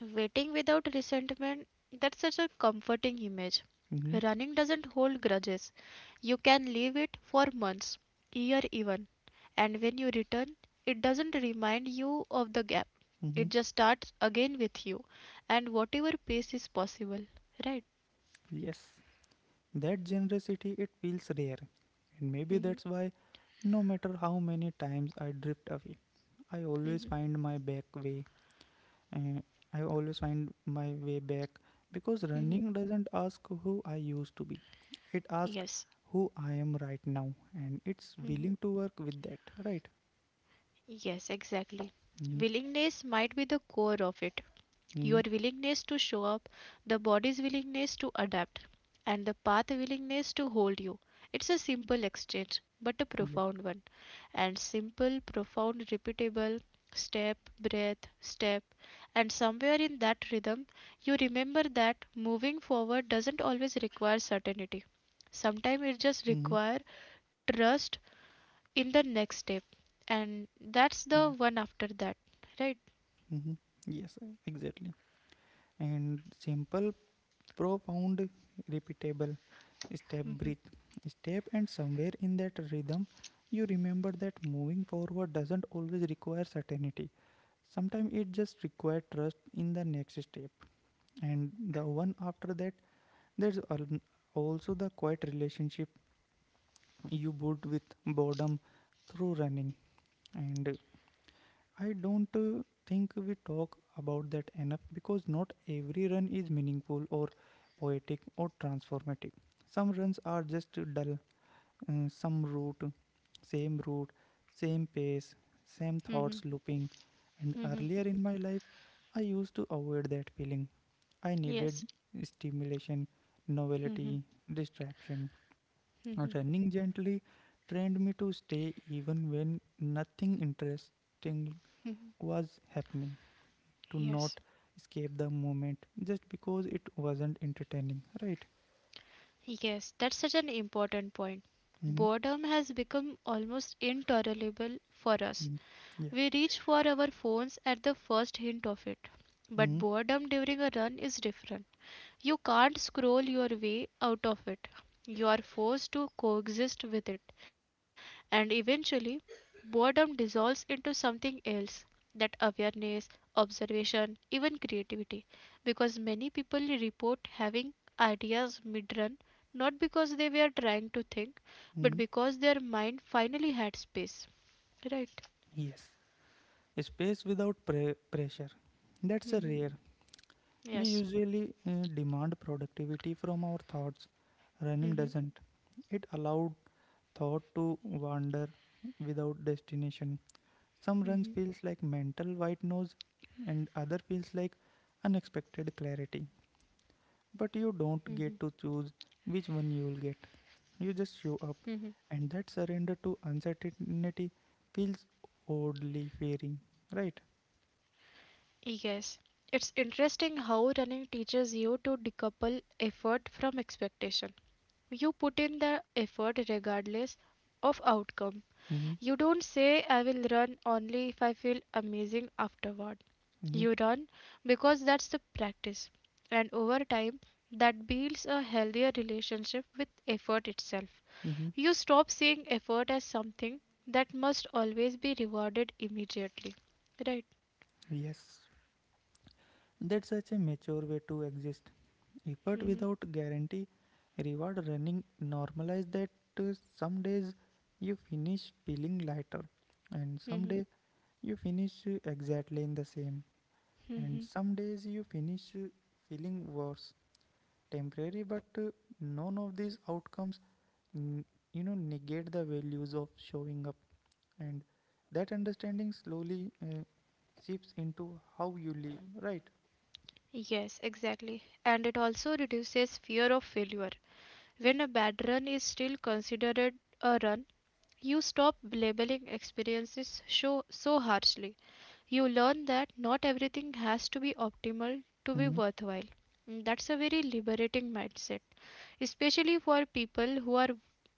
Waiting without resentment, that's such a comforting image. Hmm. Running doesn't hold grudges. You can leave it for months, year even. And when you return, it doesn't remind you of the gap. Hmm. It just starts again with you and whatever pace is possible. Right. Yes, that generosity, it feels rare. And maybe Hmm. that's why, no matter how many times I drift away, I always Hmm. find my back way. Uh, I always find my way back, because Hmm. running doesn't ask who I used to be. It asks Yes. who I am right now, and it's Hmm. willing to work with that, right? Yes, exactly. Mm-hmm. Willingness might be the core of it. Your Mm-hmm. willingness to show up, the body's willingness to adapt, and the path willingness to hold you. It's a simple exchange, but a Yeah. profound one. And simple, profound, repeatable, step, breath, step. And somewhere in that rhythm, you remember that moving forward doesn't always require certainty. Sometimes it just Mm-hmm. requires trust in the next step. And that's Yeah. the one after that, right? Hmm. Yes, exactly. And simple, profound, repeatable step, breathe, step, and somewhere in that rhythm, you remember that moving forward doesn't always require certainty. Sometimes it just requires trust in the next step, and the one after that. There's al- also the quiet relationship you build with boredom through running, and I don't think we talk about that enough because not every run is meaningful or poetic or transformative. Some runs are just dull, uh, some route, same route, same pace, same Mm-hmm. thoughts looping. And earlier in my life, I used to avoid that feeling. I needed stimulation, novelty, distraction. Running gently trained me to stay even when nothing interesting was happening, to not escape the moment just because it wasn't entertaining, right? Yes, that's such an important point. Mm-hmm. Boredom has become almost intolerable for us. hmm Yeah. We reach for our phones at the first hint of it. But Mm-hmm. boredom during a run is different. You can't scroll your way out of it. You are forced to coexist with it. And eventually, boredom dissolves into something else, that awareness, observation, even creativity. Because many people report having ideas mid-run, not because they were trying to think, but hmm because their mind finally had space. Right? Yes. A space without pressure. That's a Hmm. rare. We usually demand productivity from our thoughts. Running Hmm. doesn't. It allowed thought to wander without destination. Some Hmm. runs feels like mental white noise, and other feels like unexpected clarity, but you don't get to choose which one you will get. You just show up, and that surrender to uncertainty feels oddly fearing, right? Yes. It's interesting how running teaches you to decouple effort from expectation. You put in the effort regardless of outcome. Mm-hmm. You don't say, I will run only if I feel amazing afterward. Mm-hmm. You run because that's the practice. And over time, that builds a healthier relationship with effort itself. Mm-hmm. You stop seeing effort as something that must always be rewarded immediately. Right? Yes, that's such a mature way to exist. Effort Hmm. without guarantee, reward running normalize that. Some days you finish feeling lighter, and some Hmm. day you finish exactly in the same, and Hmm. some days you finish feeling worse temporary but none of these outcomes n- negate the values of showing up, and that understanding slowly seeps into how you live, right? Yes, exactly. And it also reduces fear of failure. When a bad run is still considered a run, you stop labeling experiences so harshly. You learn that not everything has to be optimal to be Mm-hmm. worthwhile. That's a very liberating mindset, especially for people who are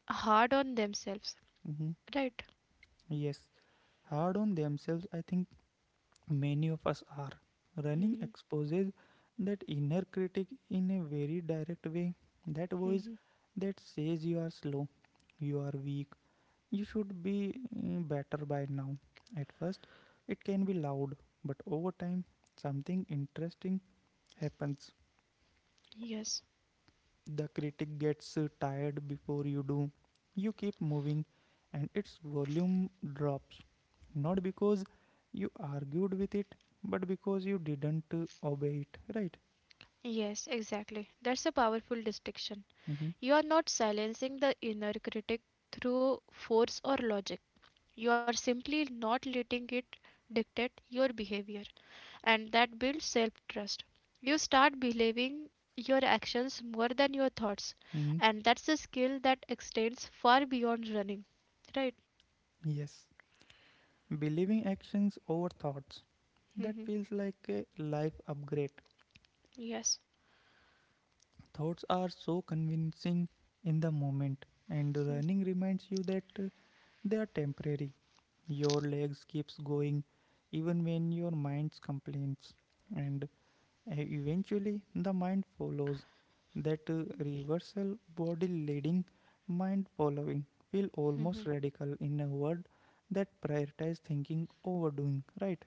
hard on themselves, Mm-hmm. right? Yes, hard on themselves. I think many of us are. Running Mhm. exposes that inner critic in a very direct way. That voice Mhm. that says you are slow, you are weak. You should be better by now. At first, it can be loud, but over time, something interesting happens. The critic gets tired before you do. You keep moving, and its volume drops. Not because you argued with it, but because you didn't obey it, right? Yes, exactly. That's a powerful distinction. Mm-hmm. You are not silencing the inner critic through force or logic. You are simply not letting it dictate your behavior. And that builds self trust. You start believing your actions more than your thoughts, hmm and that's a skill that extends far beyond running. Yes. Believing actions over thoughts. That Mhm. feels like a life upgrade. Thoughts are so convincing in the moment, and running reminds you that they are temporary. Your legs keeps going even when your mind complains, and eventually the mind follows. That reversal, body leading, mind following, feel almost radical in a word that prioritize thinking over doing. Right?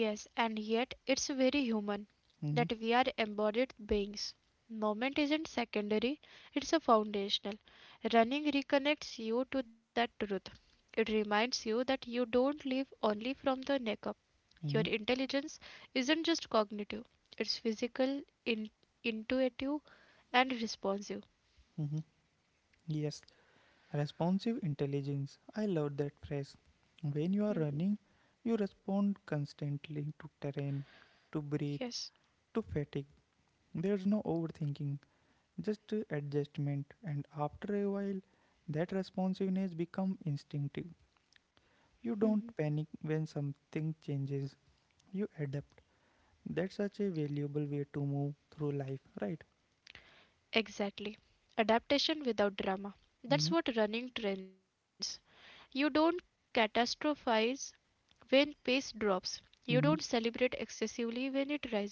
Yes, and yet it's very human, Mm-hmm. that we are embodied beings. Moment isn't secondary, it's a foundational. Running reconnects you to that truth. It reminds you that you don't live only from the neck up. Your Mm-hmm. intelligence isn't just cognitive, it's physical, intuitive, and responsive. Mm-hmm. Yes. Responsive intelligence. I love that phrase. When you Hmm. are running, you respond constantly to terrain, to breathe, to fatigue. There's no overthinking, just adjustment. And after a while, that responsiveness becomes instinctive. Hmm. You Hmm. don't panic when something changes, you adapt. That's such a valuable way to move through life, right? Exactly. Adaptation without drama. Mm-hmm. That's what running trains. You don't catastrophize when pace drops. You don't Mm-hmm. celebrate excessively when it rises.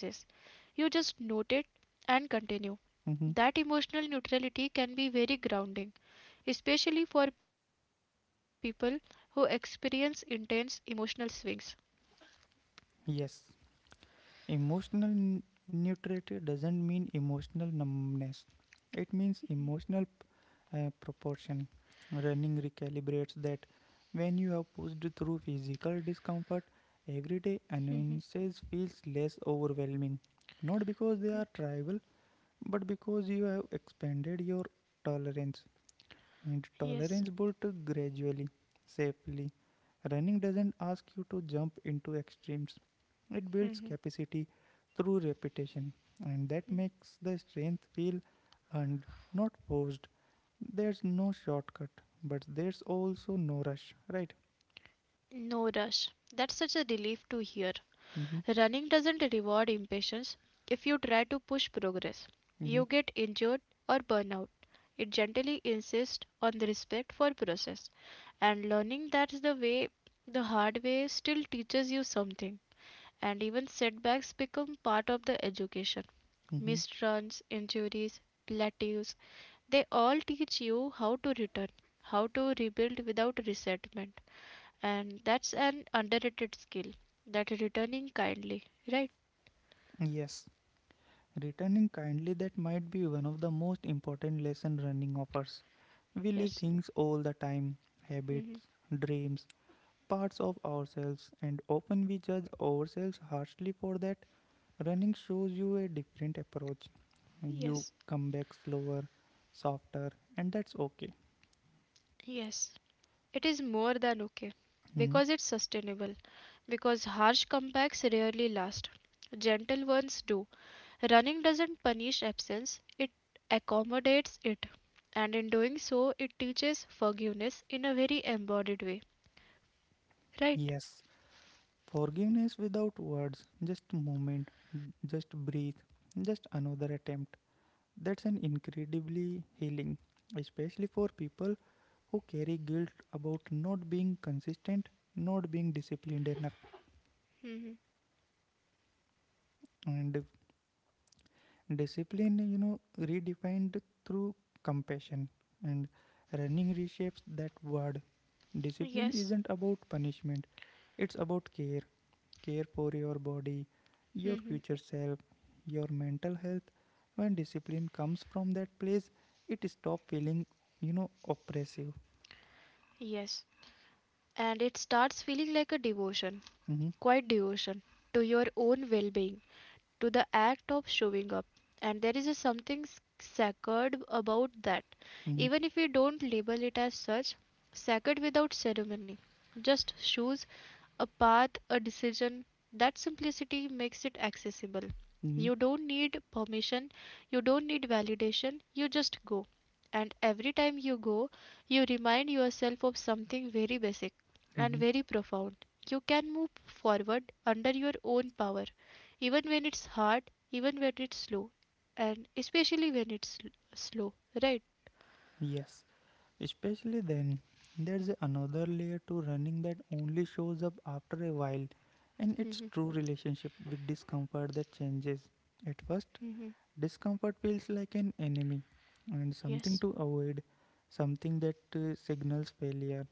You just note it and continue. Mm-hmm. That emotional neutrality can be very grounding, especially for people who experience intense emotional swings. Yes. Emotional neutrality doesn't mean emotional numbness, it means emotional proportion. Running recalibrates that. When you have pushed through physical discomfort, everyday annoyances feels less overwhelming. Not because they are trivial, but because you have expanded your tolerance, and tolerance built gradually, safely. Running doesn't ask you to jump into extremes. It builds Mhm. capacity through repetition, and that makes the strength feel earned, not forced. There's no shortcut, but there's also no rush, right? No rush. That's such a relief to hear. Mm-hmm. Running doesn't reward impatience. If you try to push progress, Mm-hmm. you get injured or burn out. It gently insists on the respect for process. And learning that's the way, the hard way, still teaches you something. And even setbacks become part of the education. Mm-hmm. Misruns, injuries, plateaus, they all teach you how to return, how to rebuild without resentment. And that's an underrated skill, that returning kindly, right? Yes, returning kindly, that might be one of the most important lesson running offers. We leave things all the time, Mhm. habits, dreams, parts of ourselves, and often we judge ourselves harshly for that. Running shows you a different approach. You come back slower, softer, and that's okay. It is more than okay, Hmm. because it's sustainable, because harsh comebacks rarely last, gentle ones do. Running doesn't punish absence, it accommodates it, and in doing so, it teaches forgiveness in a very embodied way, right? Yes, forgiveness without words, just a moment, just breathe, just another attempt. That's an incredibly healing, especially for people who carry guilt about not being consistent, not being disciplined enough. Mhm. And discipline, redefined through compassion, and running reshapes that word. Discipline isn't about punishment, it's about care. Care for your body, your Mhm. future self, your mental health. When discipline comes from that place, it stops feeling, oppressive. And it starts feeling like a devotion, Mm-hmm. quite devotion to your own well being, to the act of showing up. And there is a something sacred about that, Mm-hmm. even if we don't label it as such, sacred without ceremony. Just shoes, a path, a decision. That simplicity makes it accessible. Mm-hmm. You don't need permission, you don't need validation, you just go. And every time you go, you remind yourself of something very basic and Mm-hmm. very profound. You can move forward under your own power, even when it's hard, even when it's slow, and especially when it's slow, right? Yes. Especially then, there's another layer to running that only shows up after a while, and it's true relationship with discomfort that changes. At first, Mhm. discomfort feels like an enemy and something to avoid, something that signals failure.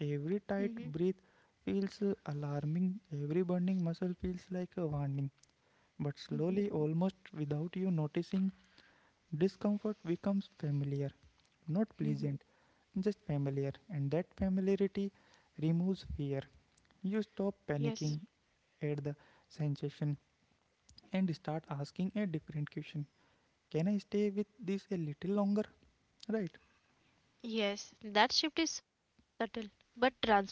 Every Mhm. tight breath feels alarming, every burning muscle feels like a warning. But slowly, almost without you noticing, discomfort becomes familiar, not Mhm. pleasant, just familiar, and that familiarity removes fear. You stop panicking at the sensation and start asking a different question. Can I stay with this a little longer? Right? That shift is subtle but transformative,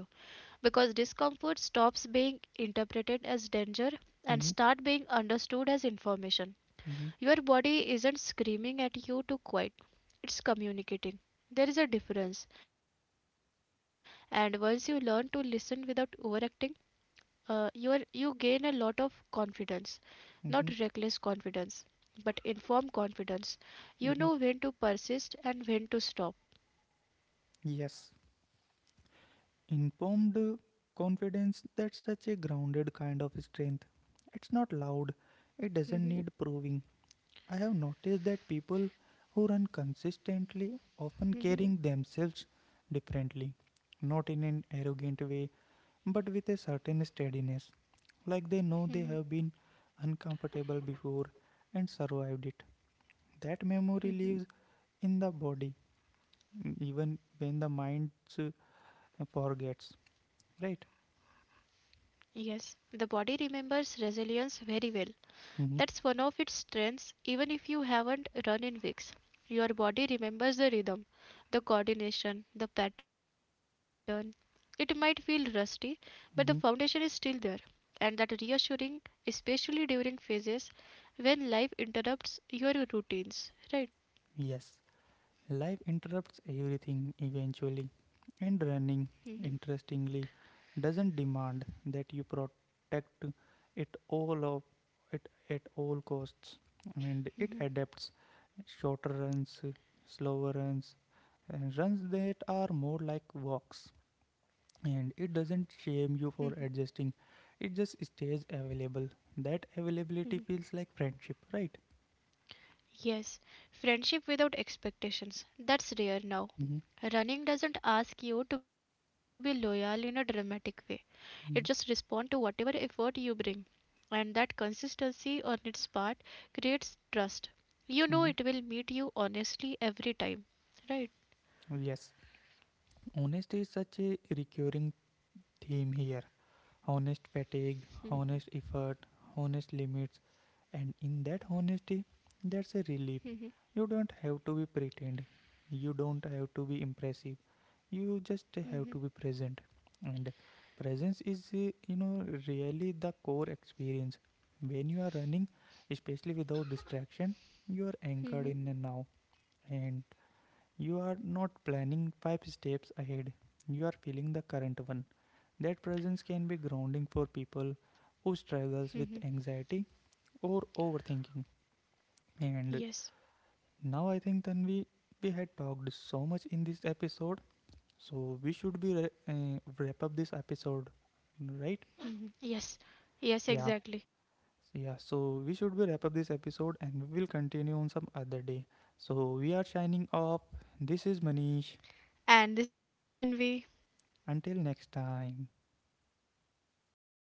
because discomfort stops being interpreted as danger and start Mm-hmm. being understood as information. Mm-hmm. Your body isn't screaming at you to quit, it's communicating. There is a difference, and once you learn to listen without overacting, you gain a lot of confidence, not reckless Mm-hmm. confidence, but informed confidence. You know Mm-hmm. when to persist and when to stop. Yes. Informed confidence, that's such a grounded kind of strength. It's not loud, it <laughs> doesn't Mhm. need proving. I have noticed that people who run consistently often Mhm. carrying themselves differently, not in an arrogant way, but with a certain steadiness, like Mhm. they know they have been uncomfortable before and survived it. That memory Mhm. lives in the body, even when the mind uh, forgets, right? Yes, the body remembers resilience very well. That's Hmm. one of its strengths, even if you haven't run in weeks. Your body remembers the rhythm, the coordination, the pattern. It might feel rusty, but the foundation is Hmm. still there. And that reassuring, especially during phases when life interrupts your routines, right? Yes. Life interrupts everything eventually, and Mhm. running, interestingly, doesn't demand that you protect it all of it at all costs, and it adapts, shorter runs, slower runs, and runs that are more like walks. And it Mhm. doesn't shame you for adjusting; it just stays available. That Mhm. availability feels like friendship, right? Yes, friendship without expectations. That's rare now. Mm-hmm. Running doesn't ask you to be loyal in a dramatic way. It just responds to whatever effort you bring, and that consistency on its part creates trust. You know it Mm-hmm. will meet you honestly every time, right? Yes. Honesty is such a recurring theme here. Mhm. Honest fatigue, honest effort, honest limits, and in that honesty, that's a Mhm. relief. You don't have to be pretend. You don't have to be impressive. You Mhm. just have to be present. And presence is, really the core experience. When you are running, especially without distraction, you are Mhm. anchored in the now. And you are not planning five steps ahead, you are feeling the current one. That presence can be grounding for people who struggles with anxiety or overthinking. And now I think Tanvi, we had talked so much in this episode, so we should be wrap up this episode, right? Mhm. Yes. Yes, Yeah, exactly. yeah. So we should be wrap up this episode, and we will continue on some other day. So we are signing off. This is Manish. And this is Tanvi. Until next time.